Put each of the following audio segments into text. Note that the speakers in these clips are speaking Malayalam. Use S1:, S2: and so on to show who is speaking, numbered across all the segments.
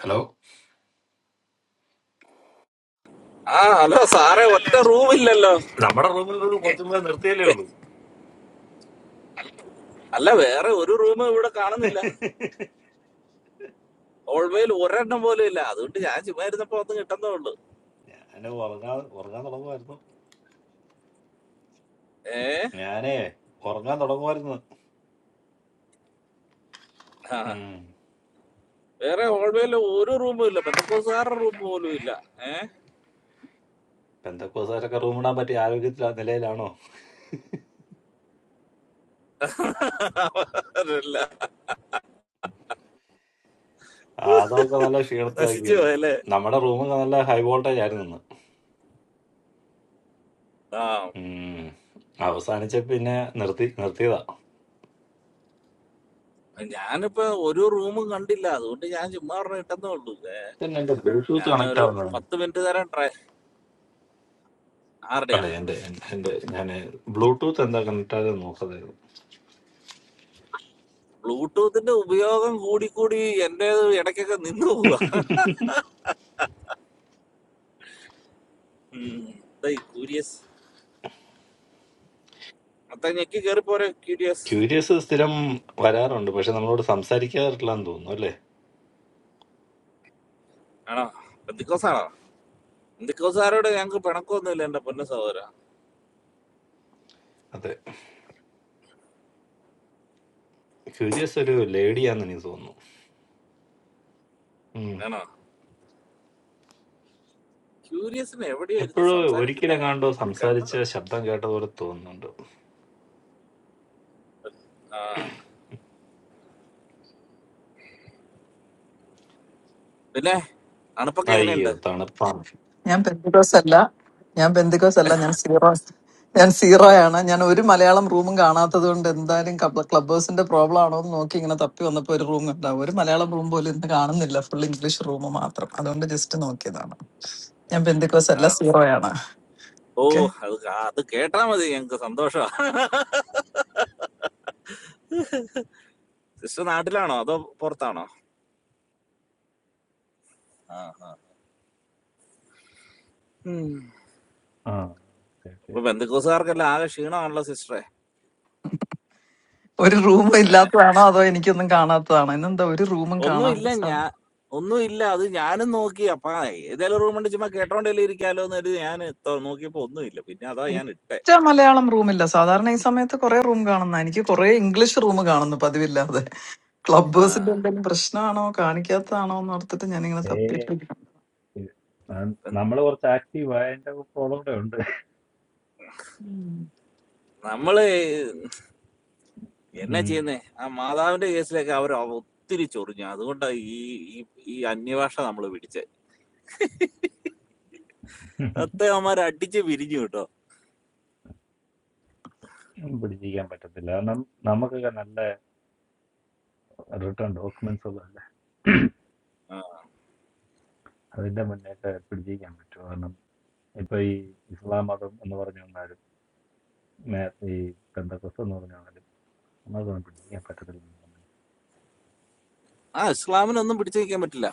S1: ഹലോ
S2: ആ ഹലോ സാറേ ഒറ്റ റൂം ഇല്ലല്ലോ അല്ല വേറെ ഒരു റൂം ഇവിടെ കാണുന്നില്ല ഹോൾവേയിൽ ഒരെണ്ണം പോലും ഇല്ല അതുകൊണ്ട് ഞാൻ ചുമ്മാ ഇരുന്നപ്പോ ഒന്ന് കിട്ടുന്നേ ഉള്ളു
S1: ഞാന് ഉറങ്ങാൻ ഉറങ്ങാൻ തുടങ്ങുമായിരുന്നു
S2: ഏ
S1: ഞാനേ ഉറങ്ങാൻ തുടങ്ങുമായിരുന്നു
S2: ആ,
S1: ഉം
S2: വേറെ ഹോൾവേയിൽ ഒരു റൂമും ഇല്ല ബന്ധക്കോസുകാരുടെ റൂം പോലും ഇല്ല ഏ
S1: പെന്തക്കോസാരൊക്കെ റൂം ഇടാൻ പറ്റിയ ആരോഗ്യത്തില നിലയിലാണോ
S2: അവരെല്ലാം
S1: ആ, അതൊക്കെ നല്ല
S2: നശിച്ചു
S1: ക്ഷീണത്തിലാക്കിയത്
S2: പോയല്ലേ
S1: നമ്മുടെ റൂമൊക്കെ നല്ല ഹൈ വോൾട്ടേജ് ആയിരുന്നു ഇന്ന്.
S2: ആ
S1: ഉം അവസാനിച്ച പിന്നെ നിർത്തി നിർത്തിയതാ
S2: ഞാനിപ്പോ ഒരു റൂമും കണ്ടില്ല അതുകൊണ്ട് ഞാൻ ചുമ്മാ പറഞ്ഞ കിട്ടുന്നേ ഉള്ളൂ ഏ,
S1: പിന്നെ എന്റെ ബ്ലൂടൂത്ത് കണക്ട്
S2: ഞാനൊരു
S1: ആവുന്നതാണ്
S2: പത്ത് മിനിറ്റ് തരാൻ ട്രൈ ആരുടെയാ
S1: അല്ലെ എന്റെ എന്റെ ഞാൻ ബ്ലൂടൂത്ത് എന്താ കണക്ട് ആയത് നോക്കതായിരുന്നു
S2: ബ്ലൂടൂത്തിന്റെ ഉപയോഗം കൂടി കൂടി എന്റേത് ഇടയ്ക്കൊക്കെ നിന്ന് പോവാ ഉം, ദേ ഈ കൂരിയസ് അത്ത ഞെക്കി കയറിപ്പോരെ ക്യൂരിയസ്
S1: ക്യൂരിയസ് സ്ഥിരം വരാറുണ്ട് പക്ഷെ നമ്മളോട് സംസാരിക്കാറില്ല എന്ന് തോന്നുന്നു അല്ലെ
S2: ആണോ എന്തിക്കോസാണോ എന്തിക്കോസാരോട് ഞങ്ങൾക്ക് പിണക്കൊന്നുമില്ല എന്റെ പൊന്ന സഹോദര
S1: അതെ ക്യൂരിയസ് ഒരു ലേഡിയാന്ന് എനിക്ക് തോന്നുന്നു
S2: ആണോ ക്യൂരിയസിന് എവിടെയോ ഇരുന്ന്
S1: എപ്പോഴും
S2: സംസാരിക്കുന്ന
S1: ഒരിക്കലെങ്ങാണ്ടോ
S2: കണ്ടല്ലോ
S1: സംസാരിച്ച ശബ്ദം കേട്ട പോലെ തോന്നുന്നുണ്ട്
S2: ആ പിന്നെ അണുപ്പൊക്കെ
S1: അയ്യോ
S2: എങ്ങനെയുണ്ട്
S1: തണുപ്പാണ്
S3: ഞാൻ പെന്തിക്കോസ് അല്ല ഞാൻ പെന്തിക്കോസ് അല്ല ഞാൻ സീറോ ഞാൻ സീറോ ആണ് ഞാൻ ഒരു മലയാളം റൂമും കാണാത്തത് കൊണ്ട് എന്തായാലും ക്ലബ് ഹൗസിന്റെ പ്രോബ്ലം ആണോ എന്ന് നോക്കി ഇങ്ങനെ തപ്പി വന്നപ്പോ ഒരു റൂം ഉണ്ടാവും ഒരു മലയാളം റൂം പോലും ഇന്ന് കാണുന്നില്ല ഫുൾ ഇംഗ്ലീഷ് റൂം മാത്രം അതുകൊണ്ട് ജസ്റ്റ് നോക്കിയതാണ് ഞാൻ പെന്തിക്കോസ്
S2: ആ
S3: അല്ല സീറോ ആണ്
S2: ഓ
S3: ഓക്കെ
S2: അത് കാ- അത് കേട്ടാ മതി ഞങ്ങൾക്ക് സന്തോഷമാണ് സിസ്റ്റർ നാട്ടിലാണോ അതോ പുറത്താണോ ആ ആ.
S1: ആ
S2: ഇപ്പൊ ബന്ധുക്കോസുകാർക്കെല്ലാം ആകെ ക്ഷീണമാണല്ലോ സിസ്റ്ററെ
S3: ഒരു റൂമും ഇല്ലാത്തതാണോ അതോ എനിക്കൊന്നും കാണാത്തതാണോ ഇന്നെന്താ ഒരു റൂമും
S2: ഒന്നും
S3: കാണാതെ
S2: ഇല്ല
S3: സാധി-
S2: ഞാൻ ഒന്നും ഇല്ല അത് ഞാനും നോക്കി അപ്പൊ ഏതെങ്കിലും റൂമുണ്ട് ചുമ്മാ കേട്ടോണ്ടല്ലേ ഇരിക്കാലോ എന്ന് കരുതി ഞാൻ നോക്കിയപ്പോ ഒന്നും ഇല്ല പിന്നെ അതാ ഞാൻ ഇട്ടെ
S3: ഒറ്റ മലയാളം റൂമില്ല സാധാരണ ഈ സമയത്ത് കുറെ റൂം കാണുന്ന എനിക്ക് കുറെ ഇംഗ്ലീഷ് റൂം കാണുന്നു പതിവില്ലാതെ ക്ലബ്
S2: ആ
S3: ഹൗസിന്റെ എന്തെങ്കിലും പ്രശ്നമാണോ കാണിക്കാത്തതാണോ എന്ന് ഓർത്തിട്ട് ഞാനിങ്ങനെ
S1: ഏ
S3: തപ്പിയിട്ടുണ്ട്
S1: നമ്മൾ കുറച്ച് ആക്റ്റീവ് ആയതിന്റെ പ്രോബ്ലം കൂടെ ഉണ്ട്
S2: നമ്മള് എന്നാ
S1: ഉം.
S2: ചെയ്യുന്നേ ആ മാതാവിന്റെ കേസിലൊക്കെ അവർ ഒത്തിരി ചൊറിഞ്ഞു അതുകൊണ്ടാണ് ഈ ഈ ഈ അന്യഭാഷ നമ്മൾ പിടിച്ചത് അത്തെ അവന്മാർ അടിച്ച് പിരിഞ്ഞു കേട്ടോ
S1: പിടിച്ചിരിക്കാൻ പറ്റത്തില്ല കാരണം നമുക്കൊക്കെ നല്ല റിട്ടേൺ ഡോക്യുമെന്റ്സ് ഉള്ളതല്ലേ
S2: ആ
S1: അതിന്റെ മുന്നേക്ക് പിടിച്ചിരിക്കാൻ പറ്റും കാരണം ഇപ്പൊ ഈ ഇസ്ലാം മതം എന്ന് പറഞ്ഞു വന്നാലും മേ- ഈ പെന്തക്കോസ് എന്ന് പറഞ്ഞു വന്നാലും അതൊന്നും പിടിച്ചിരിക്കാൻ പറ്റത്തില്ല
S2: ആ, ഇസ്ലാമിനൊന്നും പിടിച്ചു നിൽക്കാൻ പറ്റില്ല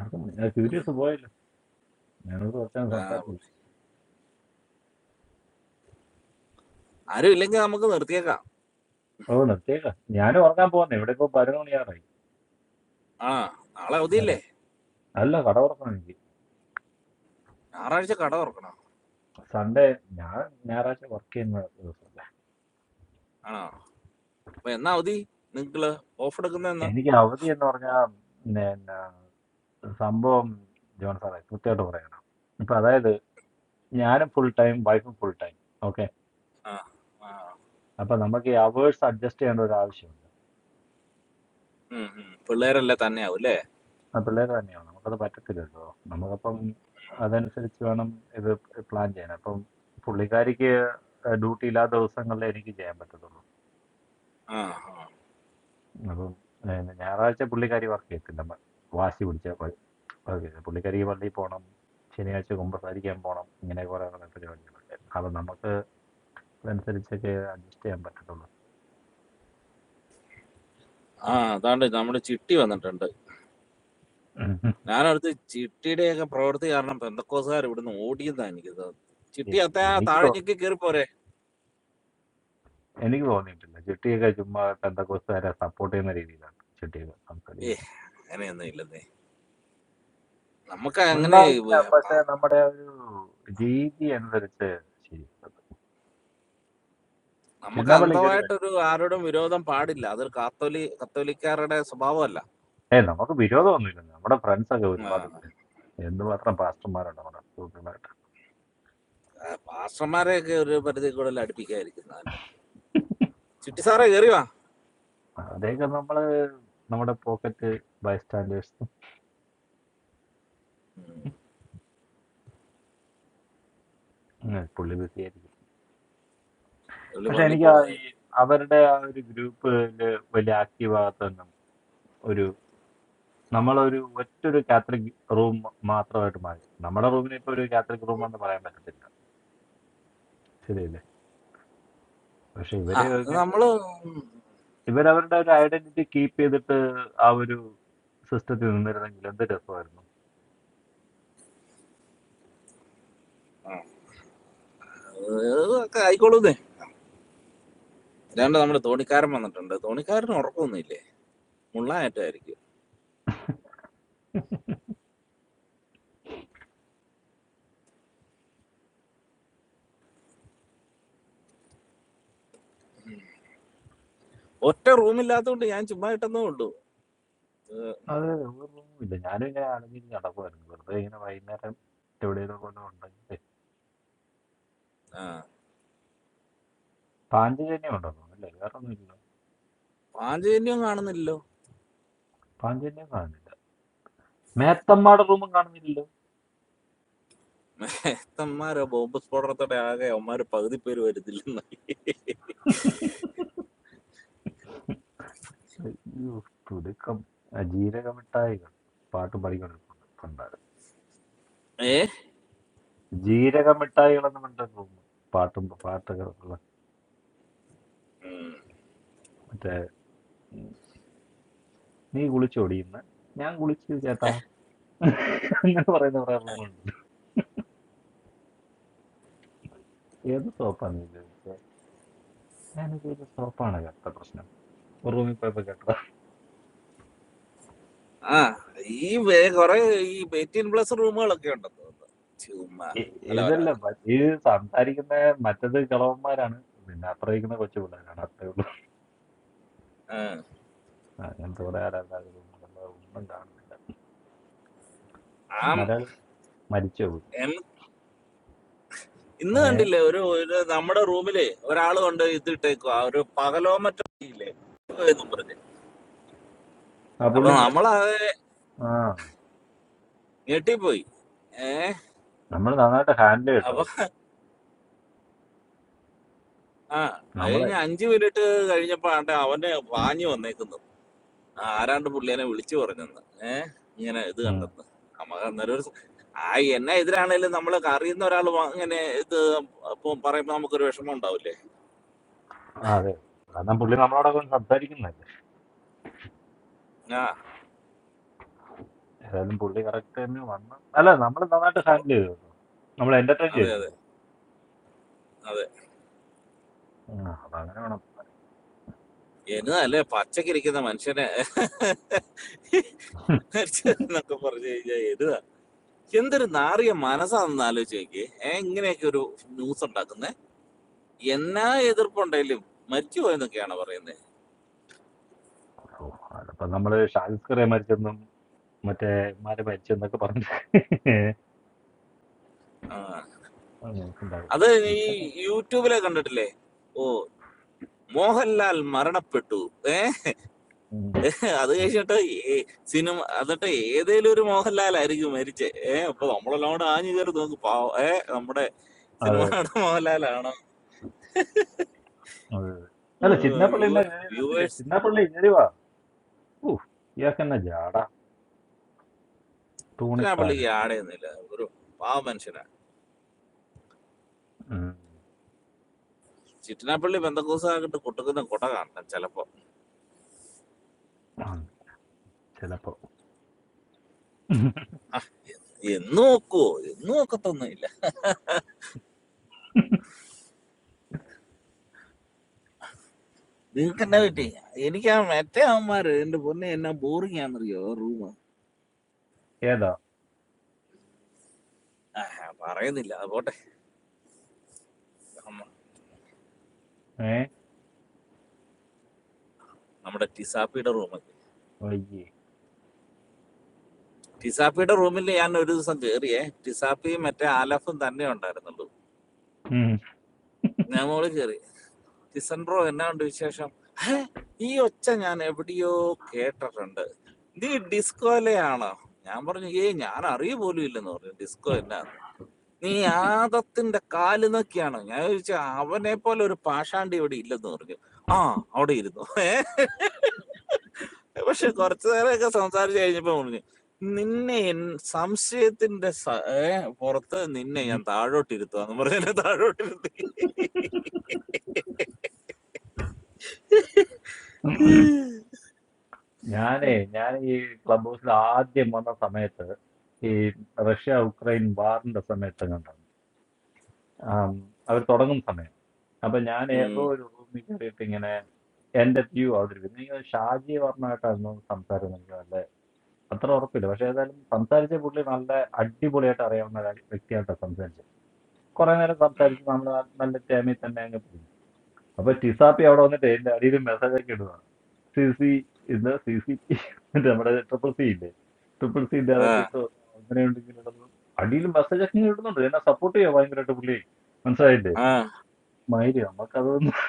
S1: ആർക്കും ക്യൂരിയസ് പോയല്ലോ ഞാനോട് കുറച്ചാണ്
S2: ആ,
S1: സംസാരിച്ചത്
S2: ആരും ഇല്ലെങ്കിൽ നമുക്ക് നിർത്തിയേക്കാം
S1: ഓ നിർത്തിയേക്കാം ഞാൻ ഉറങ്ങാൻ പോകുന്നു ഇവിടെ ഇപ്പൊ പതിനൊന്ന് മണിയാറായി
S2: ആ നാളെ അവധിയില്ലേ
S1: വരാം അല്ല കട ഉറക്കണം എനിക്ക്
S2: ഞായറാഴ്ച കട തുറക്കണം
S1: സൺഡേ ഞാൻ ഞായറാഴ്ച വർക്ക് ചെയ്യുന്ന ദിവസമല്ല
S2: ആണോ അപ്പൊ എന്നാ അവധി നിങ്ങള് ഓഫ് എടുക്കുന്ന എന്നാ
S1: എനിക്ക് അവധി എന്ന് പറഞ്ഞാൽ പിന്നെ സംഭവം ജോൺ സാറേ കൃത്യമായിട്ട് പറയണം ഇപ്പൊ അതായത് ഞാനും ഫുൾ ടൈം വൈഫും ഫുൾ ടൈം ഓക്കെ
S2: ആ ആ,
S1: അപ്പൊ നമുക്ക് ഈ അവേഴ്സ് അഡ്ജസ്റ്റ് ചെയ്യേണ്ട ഒരു ആവശ്യമുണ്ട്
S2: ഉം, ഉം. പിള്ളേരെല്ലാം തന്നെയാവും അല്ലേ
S1: ആ പിള്ളേർ തന്നെയാണ് നമുക്കത് പറ്റത്തില്ലല്ലോ നമുക്കപ്പം അതനുസരിച്ച് വേണം ഇത് പ്ലാൻ ചെയ്യാൻ അപ്പം പുള്ളിക്കാരിക്ക് ഡ്യൂട്ടി ഇല്ലാത്ത ദിവസങ്ങളിൽ എനിക്ക് ചെയ്യാൻ പറ്റത്തുള്ളൂ
S2: ആ ആ
S1: അപ്പം ഏ, ഞായറാഴ്ച പുള്ളിക്കാരി വർക്ക് ചെയ്യത്തില്ല മ- വാശി പിടിച്ച വർക്ക് ചെയ്തത്. പുള്ളിക്കാരിക്ക് പള്ളിയിൽ പോകണം ശനിയാഴ്ച കുമ്പസാരിക്കാൻ പോകണം ഇങ്ങനെ കുറെ കുറെ പരിപാടികളൊക്കെ അത് നമുക്ക് അതനുസരിച്ചൊക്കെ അഡ്ജസ്റ്റ് ചെയ്യാൻ പറ്റത്തുള്ളൂ
S2: ആ, അതാണ്ട് നമ്മുടെ ചിട്ടി വന്നിട്ടുണ്ട് ഞാനടുത്ത് ചിട്ടിയുടെയൊക്കെ പ്രവൃത്തി കാരണം പെന്തക്കോസുകാർ ഇവിടുന്ന് ഓടിയതാ എനിക്ക് തോന്നുന്നത് ചിട്ടി
S1: എ-
S2: അത്ത ആ
S1: എനിക്ക്
S2: താഴെ
S1: തോ-
S2: ഞെക്കി കയറി പോരെ
S1: എനിക്ക് തോന്നിയിട്ടില്ല ചിട്ടിയൊക്കെ ചുമ്മാ പെന്തക്കോസ്തുകാരെ സപ്പോർട്ട് ചെയ്യുന്ന രീതിയിലാണ് ചിട്ടിയൊക്കെ
S2: ഏ
S1: സംസാരിക്കുന്നത്
S2: അങ്ങനെയൊന്നും ഇല്ലെന്നേ നമുക്ക് അങ്ങനെ
S1: ഉണ്ടായിരിക്കാം
S2: വ-
S1: പക്ഷെ
S2: പ-
S1: നമ്മുടെ ഒരു രീതി അനുസരിച്ച് ശരിയല്ല
S2: നമുക്ക്
S1: ചിന്നപ്പള്ളി കയറി
S2: അന്ധമായിട്ടൊരു ആരോടും വിരോധം പാടില്ല അതൊരു കാത്തോലി കത്തോലിക്കാരുടെ സ്വഭാവമല്ല
S1: ഏ നമുക്ക് വിരോധമൊന്നുമില്ല നമ്മുടെ ഫ്രണ്ട്സ് ഒക്കെ
S2: ആ,
S1: ഒരുപാട് ഉണ്ട്. എന്തുമാത്രം പാസ്റ്റർമാരുണ്ട് നമ്മുടെ ഗ്രൂപ്പിലായിട്ട്
S2: ആ, പാസ്റ്റർമാരെയൊക്കെ ഒരു പരിധി കൂടുതൽ അടുപ്പിക്കാതിരിക്കുന്നതല്ലേ ചിട്ടി സാറേ കയറി വാ
S1: അവരെയൊക്കെ നമ്മള് നമ്മുടെ പോക്കറ്റ് ബൈ സ്റ്റാൻഡേഴ്സ്
S2: ഉം,
S1: പുള്ളി ബിസിയായിരിക്കും
S2: പുള്ളി
S1: പക്ഷെ
S2: പള്ളി
S1: എനിക്ക് ആ ഈ
S2: പോവാനായി
S1: അവരുടെ ആ ഒരു ഗ്രൂപ്പില് വലിയ ആക്റ്റീവ് ആകാത്തൊന്നും ഒരു നമ്മളൊരു ഒറ്റൊരു കാത്തലിക് റൂം മാത്രമായിട്ട് മാറി നമ്മുടെ റൂമിനെ ഇപ്പൊ ഒരു കാത്തലിക് റൂം എന്ന് പറയാൻ പറ്റത്തില്ല ശരിയല്ലേ പക്ഷെ
S2: ആ
S1: ഇവര്
S2: അത്
S1: ഇങ്ങനെ
S2: നമ്മള്
S1: ഒരു
S2: ഉം,
S1: ഇവരവരുടെ ഒരു ഐഡന്റിറ്റി കീപ്പ് ചെയ്തിട്ട് ആ ഒരു സിസ്റ്റത്തിൽ നിന്നിരുന്നെങ്കിൽ എന്ത്
S2: ആ, അത് ഒക്കെ ആയിക്കോളൂന്നേ അല്ലാണ്ട് നമ്മുടെ തോണിക്കാരൻ വന്നിട്ടുണ്ട് തോണിക്കാരന് ഉറക്കമൊന്നുമില്ലേ മുള്ളായിട്ടായിരിക്കും
S1: രസമായിരുന്നു
S2: ഒറ്റ റൂമില്ലാത്തതുകൊണ്ട് ഞാൻ ചുമ്മാ ഇട്ടെന്നേ ഉള്ളൂ
S1: അതെ, അതെ. ഒരു റൂമില്ല. ഞാനും ഇങ്ങനെ അലഞ്ഞിരിഞ്ഞ് നടക്കുവായിരുന്നു. വെറുതെ ഇങ്ങനെ വൈകുന്നേരം എവിടെയെങ്കിലും കൊണ്ട് ഉണ്ടെങ്കിലേ.
S2: ആ
S1: പാഞ്ചജന്യം ഉണ്ടോ തോന്നുന്നല്ലേ? വേറെ ഒന്നുമില്ലല്ലോ.
S2: പാഞ്ചജന്യം കാണുന്നില്ലല്ലോ
S1: പാഞ്ചജന്യം കാണുന്നില്ല. മേത്തമ്മാടെ റൂമും കാണുന്നില്ലല്ലോ.
S2: അമ്മമാരോ ബോംബ് സ്ഫോടനത്തോടെ ആകെ അവന്മാര് പകുതി പേര് വരുന്നില്ലെന്നായി
S1: അയ്യോ, തുടുക്കം. ആ, ജീരകമിഠായികൾ പാട്ടും പഠിക്കുന്നുണ്ട് പണ്ടാറ്
S2: ഏ
S1: ജീരകമിഠായികളെന്ന് പറഞ്ഞ റൂം പാട്ടും പാട്ടൊക്കെ ഉള്ള മറ്റേ ഉം, നീ കുളിച്ചു ഞാൻ കുളിച്ചു ചേട്ടാ അങ്ങനെ പറയുന്ന കുറെ റൂമുണ്ട് ഏത് സോപ്പാണ് നീ ഉപയോഗിച്ചത് ഞാനത് ഒരു സോപ്പാണ് കേട്ട പ്രശ്നം റൂമിൽ പോയപ്പോ കേട്ടതാ
S2: ആ ഈ വേ- കൊറേ ഈ എയ്റ്റീൻ പ്ലസ് റൂമുകളൊക്കെ ഉണ്ടെന്ന് തോന്നുന്നു ചുമ്മാ
S1: ഇ-
S2: അല്ല അല്ല
S1: ഇതല്ല
S2: അത്
S1: മ- ഈ സംസാരിക്കുന്ന മറ്റത് കിളവന്മാരാണ് പിന്നെ അത്രയിക്കുന്ന കൊച്ചു പിള്ളേരാണ് അത്രേ ഉള്ളൂ
S2: ആ
S1: ആ, ഞങ്ങൾക്ക് ഇവിടെ ആരല്ലാതെ റൂമുകളിൽ ഒന്നും കാണുന്നില്ല
S2: ആം-
S1: മലയാളി മരിച്ചു പോയി
S2: എം- ഇന്ന്
S1: ഏ
S2: കണ്ടില്ലേ ഒരു ഒരു നമ്മുടെ റൂമില് ഒരാള് കൊണ്ട് ഇതിട്ടേക്കോ ആ ഒരു പകലോമറ്റ ഇല്ലേ എന്നും പറഞ്ഞ്
S1: ആ
S2: അപ്പൊ
S1: പുള്ളി മരി-
S2: നമ്മള്
S1: ആ
S2: ഞെട്ടിപ്പോയി ഏഹ്
S1: നമ്മൾ നന്നായിട്ട് ഹാൻഡിൽ കേട്ടോ
S2: അപ്പൊ ആ അത്
S1: നമ്മളെ
S2: കഴിഞ്ഞ അഞ്ചു മിനിറ്റ് കഴിഞ്ഞപ്പോ ആണ്ടെ അവന് വാഞ്ഞു വന്നേക്കുന്നു ആരാണ്ട് പുള്ളിയെ വിളിച്ചു പറഞ്ഞെന്ന് ഏഹ് ഇങ്ങനെ ഇത്
S1: ഉം.
S2: കണ്ടെന്ന് നമുക്ക് അന്നേരം ഒരു സ- ആ എന്നെ എതിരാണേലും നമ്മൾ അറിയുന്ന ഒരാൾ ഇങ്ങനെ ഇത് ഇപ്പം പറയുമ്പോ നമുക്കൊരു വിഷമം ഉണ്ടാവില്ലേ
S1: ആ, അതെ കാരണം പുള്ളി നമ്മളോടൊക്കെ ഒന്ന് സംസാരിക്കുന്നതല്ലേ
S2: ആ
S1: ഏതായാലും പുള്ളി കറക്റ്റ് തന്നെ വന്ന് അല്ല നമ്മൾ നന്നായിട്ട് ഹാൻഡിൽ ചെയ്തു കേട്ടോ നമ്മൾ എന്റർടൈൻ
S2: അതെ അതെ
S1: ചെയ്തില്ലത്
S2: അതെ
S1: ആ, അതങ്ങനെ
S2: എന്നതല്ലേ പച്ചക്കിരിക്കുന്ന മനുഷ്യനെ
S1: വേണം
S2: എന്നൊക്കെ പറഞ്ഞു കഴിഞ്ഞാൽ എരുതാ എന്തൊരു നാറിയ മനസ്സാണെന്ന് ആലോചിച്ച് നോക്കി ഏഹ് ഇങ്ങനെയൊക്കെ ഒരു ന്യൂസ് ഉണ്ടാക്കുന്നത് എന്നാ എതിർപ്പുണ്ടെങ്കിലും മരിച്ചു പോയെന്നൊക്കെയാണ് പറയുന്നത്
S1: ഓ അതിപ്പോ നമ്മള് ഷാജിസ്കറെ മരിച്ചെന്നും മറ്റേ ഇമാരെ മരിച്ചെന്നൊക്കെ പറഞ്ഞിട്ട്
S2: ആ
S1: ഉം, ഉണ്ടാകും
S2: അത് ഈ
S1: ഇവന്
S2: യൂട്യൂബിലെ കണ്ടിട്ടില്ലേ ഓ മോഹൻലാൽ മരണപ്പെട്ടു ഏ
S1: ഉം,
S2: അത് കഴിച്ചിട്ട് ഈ സിനിമ എന്നിട്ട് ഏതേലും ഒരു മോഹൻലാലായിരിക്കും മരിച്ചേ ഏ അപ്പൊ നമ്മളെല്ലാം കൂടെ ആഞ്ഞു കയറി നോക്കും പാവ ഏ നമ്മുടെ
S1: അതെ അതെ
S2: സിനിമയുടെ മോഹൻലാലാണ്
S1: അതെ. അല്ല ചിന്നപ്പള്ളി എന്നെ കേറി-
S2: വ്യൂവേഴ്സ്
S1: ചിന്നപ്പള്ളി ഏരിവാ ഊ ഇയാൾക്ക് എന്നാ ജാട
S2: ചിറ്റനാപ്പള്ളി
S1: തൂണിക്കാരൻ
S2: ആടെയൊന്നുമില്ല ഒരു പാവ മനുഷ്യനാണ്
S1: ഉം,
S2: ചിറ്റനാപ്പള്ളി ബന്ധക്കോസായിട്ട് കുട്ടുക്കുന്ന കുട കാണണം ചിലപ്പോ
S1: ഉം, ചിലപ്പോ
S2: എന്ന് നോക്കുവോ എന്ന് നോക്കത്തൊന്നുമില്ല നിങ്ങൾക്ക് എന്നാ
S1: ഉം.
S2: പറ്റി എനിക്ക് ആ മറ്റേ അവന്മാര് എന്റെ പൊന്നെ എന്നാ ബോറിംഗ് ആണെന്നറിയോ റൂം
S1: ഏതാ
S2: ആ പറയുന്നില്ല അത് പോട്ടെ നമ്മ-
S1: ഏ
S2: നമ്മുടെ ടിസാപ്പിയുടെ റൂം
S1: വയ്യേ
S2: ടിസാപ്പിയുടെ റൂമിൽ ഞാൻ ഒരു ദിവസം കേറിയേ ടിസാപ്പിയും മറ്റേ ആലഫും തന്നെ ഉണ്ടായിരുന്നുള്ളൂ
S1: ഉം.
S2: ഞാൻ മോള് കയറി ടിസൻ ബ്രോ എന്നാ ഉണ്ട് വിശേഷം "ഹേ, ഈ ഒച്ച ഞാൻ എവിടെയോ കേട്ടിട്ടുണ്ട് നീ ഡിസ്കോലയാണോ ഞാൻ പറഞ്ഞു ഏയ് ഞാൻ അറിയ പോലും ഇല്ലെന്ന് പറഞ്ഞു ഡിസ്കോ എന്നാന്ന് നീ ആദത്തിന്റെ കാല് നോക്കിയാണോ ഞാൻ ചോദിച്ചു അവനെ പോലെ ഒരു പാഷാണ്ടി ഇവിടെ ഇല്ലെന്ന് പറഞ്ഞു ആ അവിടെ ഇരുന്നു പക്ഷെ കുറച്ചു നേരമൊക്കെ സംസാരിച്ചു കഴിഞ്ഞപ്പോ പറഞ്ഞു നിന്നെ എൻ- സംശയത്തിന്റെ സ- ഏ, പുറത്ത് നിന്നെ
S1: ഉം.
S2: ഞാൻ താഴോട്ടിരുത്തുവാന്ന് പറഞ്ഞു എന്നെ താഴോട്ടിരുത്തി
S1: ഞാനേ ഞാൻ ഈ ക്ലബ് ഹൗസിൽ ആദ്യം വന്ന സമയത്ത് ഈ റഷ്യ ഉക്രൈൻ വാറിന്റെ സമയത്ത് കണ്ടു ആം, അവർ തുടങ്ങുന്ന സമയം അപ്പൊ ഞാൻ
S2: ഉം.
S1: ഏതോ ഒരു റൂമിൽ കയറിയിട്ട് ഇങ്ങനെ എന്റെ വ്യൂ അവതരിപ്പിക്കുന്നു എനിക്ക് തോന്നുന്നു ഷാജി വർണ്ണമായിട്ടായിരുന്നു സംസാരം എനിക്ക് നല്ല അത്ര ഉറപ്പില്ല പക്ഷെ ഏതായാലും സംസാരിച്ച പുള്ളി നല്ല അടിപൊളിയായിട്ട് അറിയാവുന്ന ഒരു വ്യക്തിയായിട്ടാണ് സംസാരിച്ചത് കുറെ നേരം സംസാരിച്ച് നമ്മൾ നല്ല ടേമിൽ തന്നെ അങ്ങ് പോകുന്നു അപ്പൊ ടിസാപ്പി അവിടെ വന്നിട്ട് എന്റെ അടിയിൽ മെസ്സേജ് ഒക്കെ ഇടുക സി സി ഇത് സി സി മറ്റേ നമ്മുടെ ട്രിപ്പിൾ സി ഇല്ലേ ട്രിപ്പിൾ സി ഇന്റെ
S2: ആ
S1: അതൊക്കെ ഇട്ടു അങ്ങനെയുണ്ട് ഇങ്ങനെയുള്ളത് അടിയിൽ മെസ്സേജ് ഒക്കെ ഇങ്ങനെ ഇടുന്നുണ്ട് എന്നെ സപ്പോർട്ട് ചെയ്യാൻ ഭയങ്കരമായിട്ട് പുള്ളി മനസ്സിലായില്ലേ
S2: ആ
S1: മൈരി നമുക്കതൊന്നും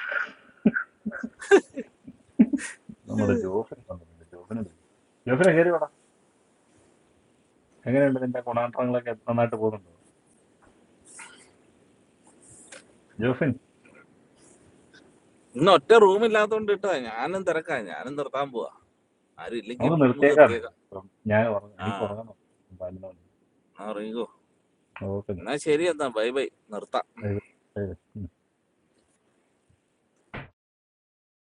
S1: നമ്മുടെ ജോഫിൻ വന്നിട്ടുണ്ട് ജോഫിന് വിളിക്കും ജോഫിനെ കയറി വേണം എങ്ങനെയുണ്ട് നിന്റെ ഗുണാന്തരങ്ങളൊക്കെ നന്നായിട്ട് പോകുന്നുണ്ടോ ജോഫിൻ
S2: ഇന്ന് ഒറ്റ റൂം ഇല്ലാത്തോണ്ട് ഇട്ടാ ഞാനും തിരക്കാ ഞാനും നിർത്താൻ പോവാ ആരും ഇല്ലെങ്കിൽ
S1: നമുക്ക്
S2: നമുക്ക്
S1: നിർത്തിയേക്കാമേ
S2: നിർത്തിയേക്കാം
S1: ഇപ്പം ഞാൻ ഉറങ്ങ-
S2: ആ
S1: എനിക്ക് ഉറങ്ങണം പതിനൊന്ന്
S2: എന്നാ ഇറങ്ങിക്കോ
S1: മണി
S2: എന്നാ
S1: ഓക്കെ
S2: ശരി എന്നാ ബൈ ബൈ നിർത്താം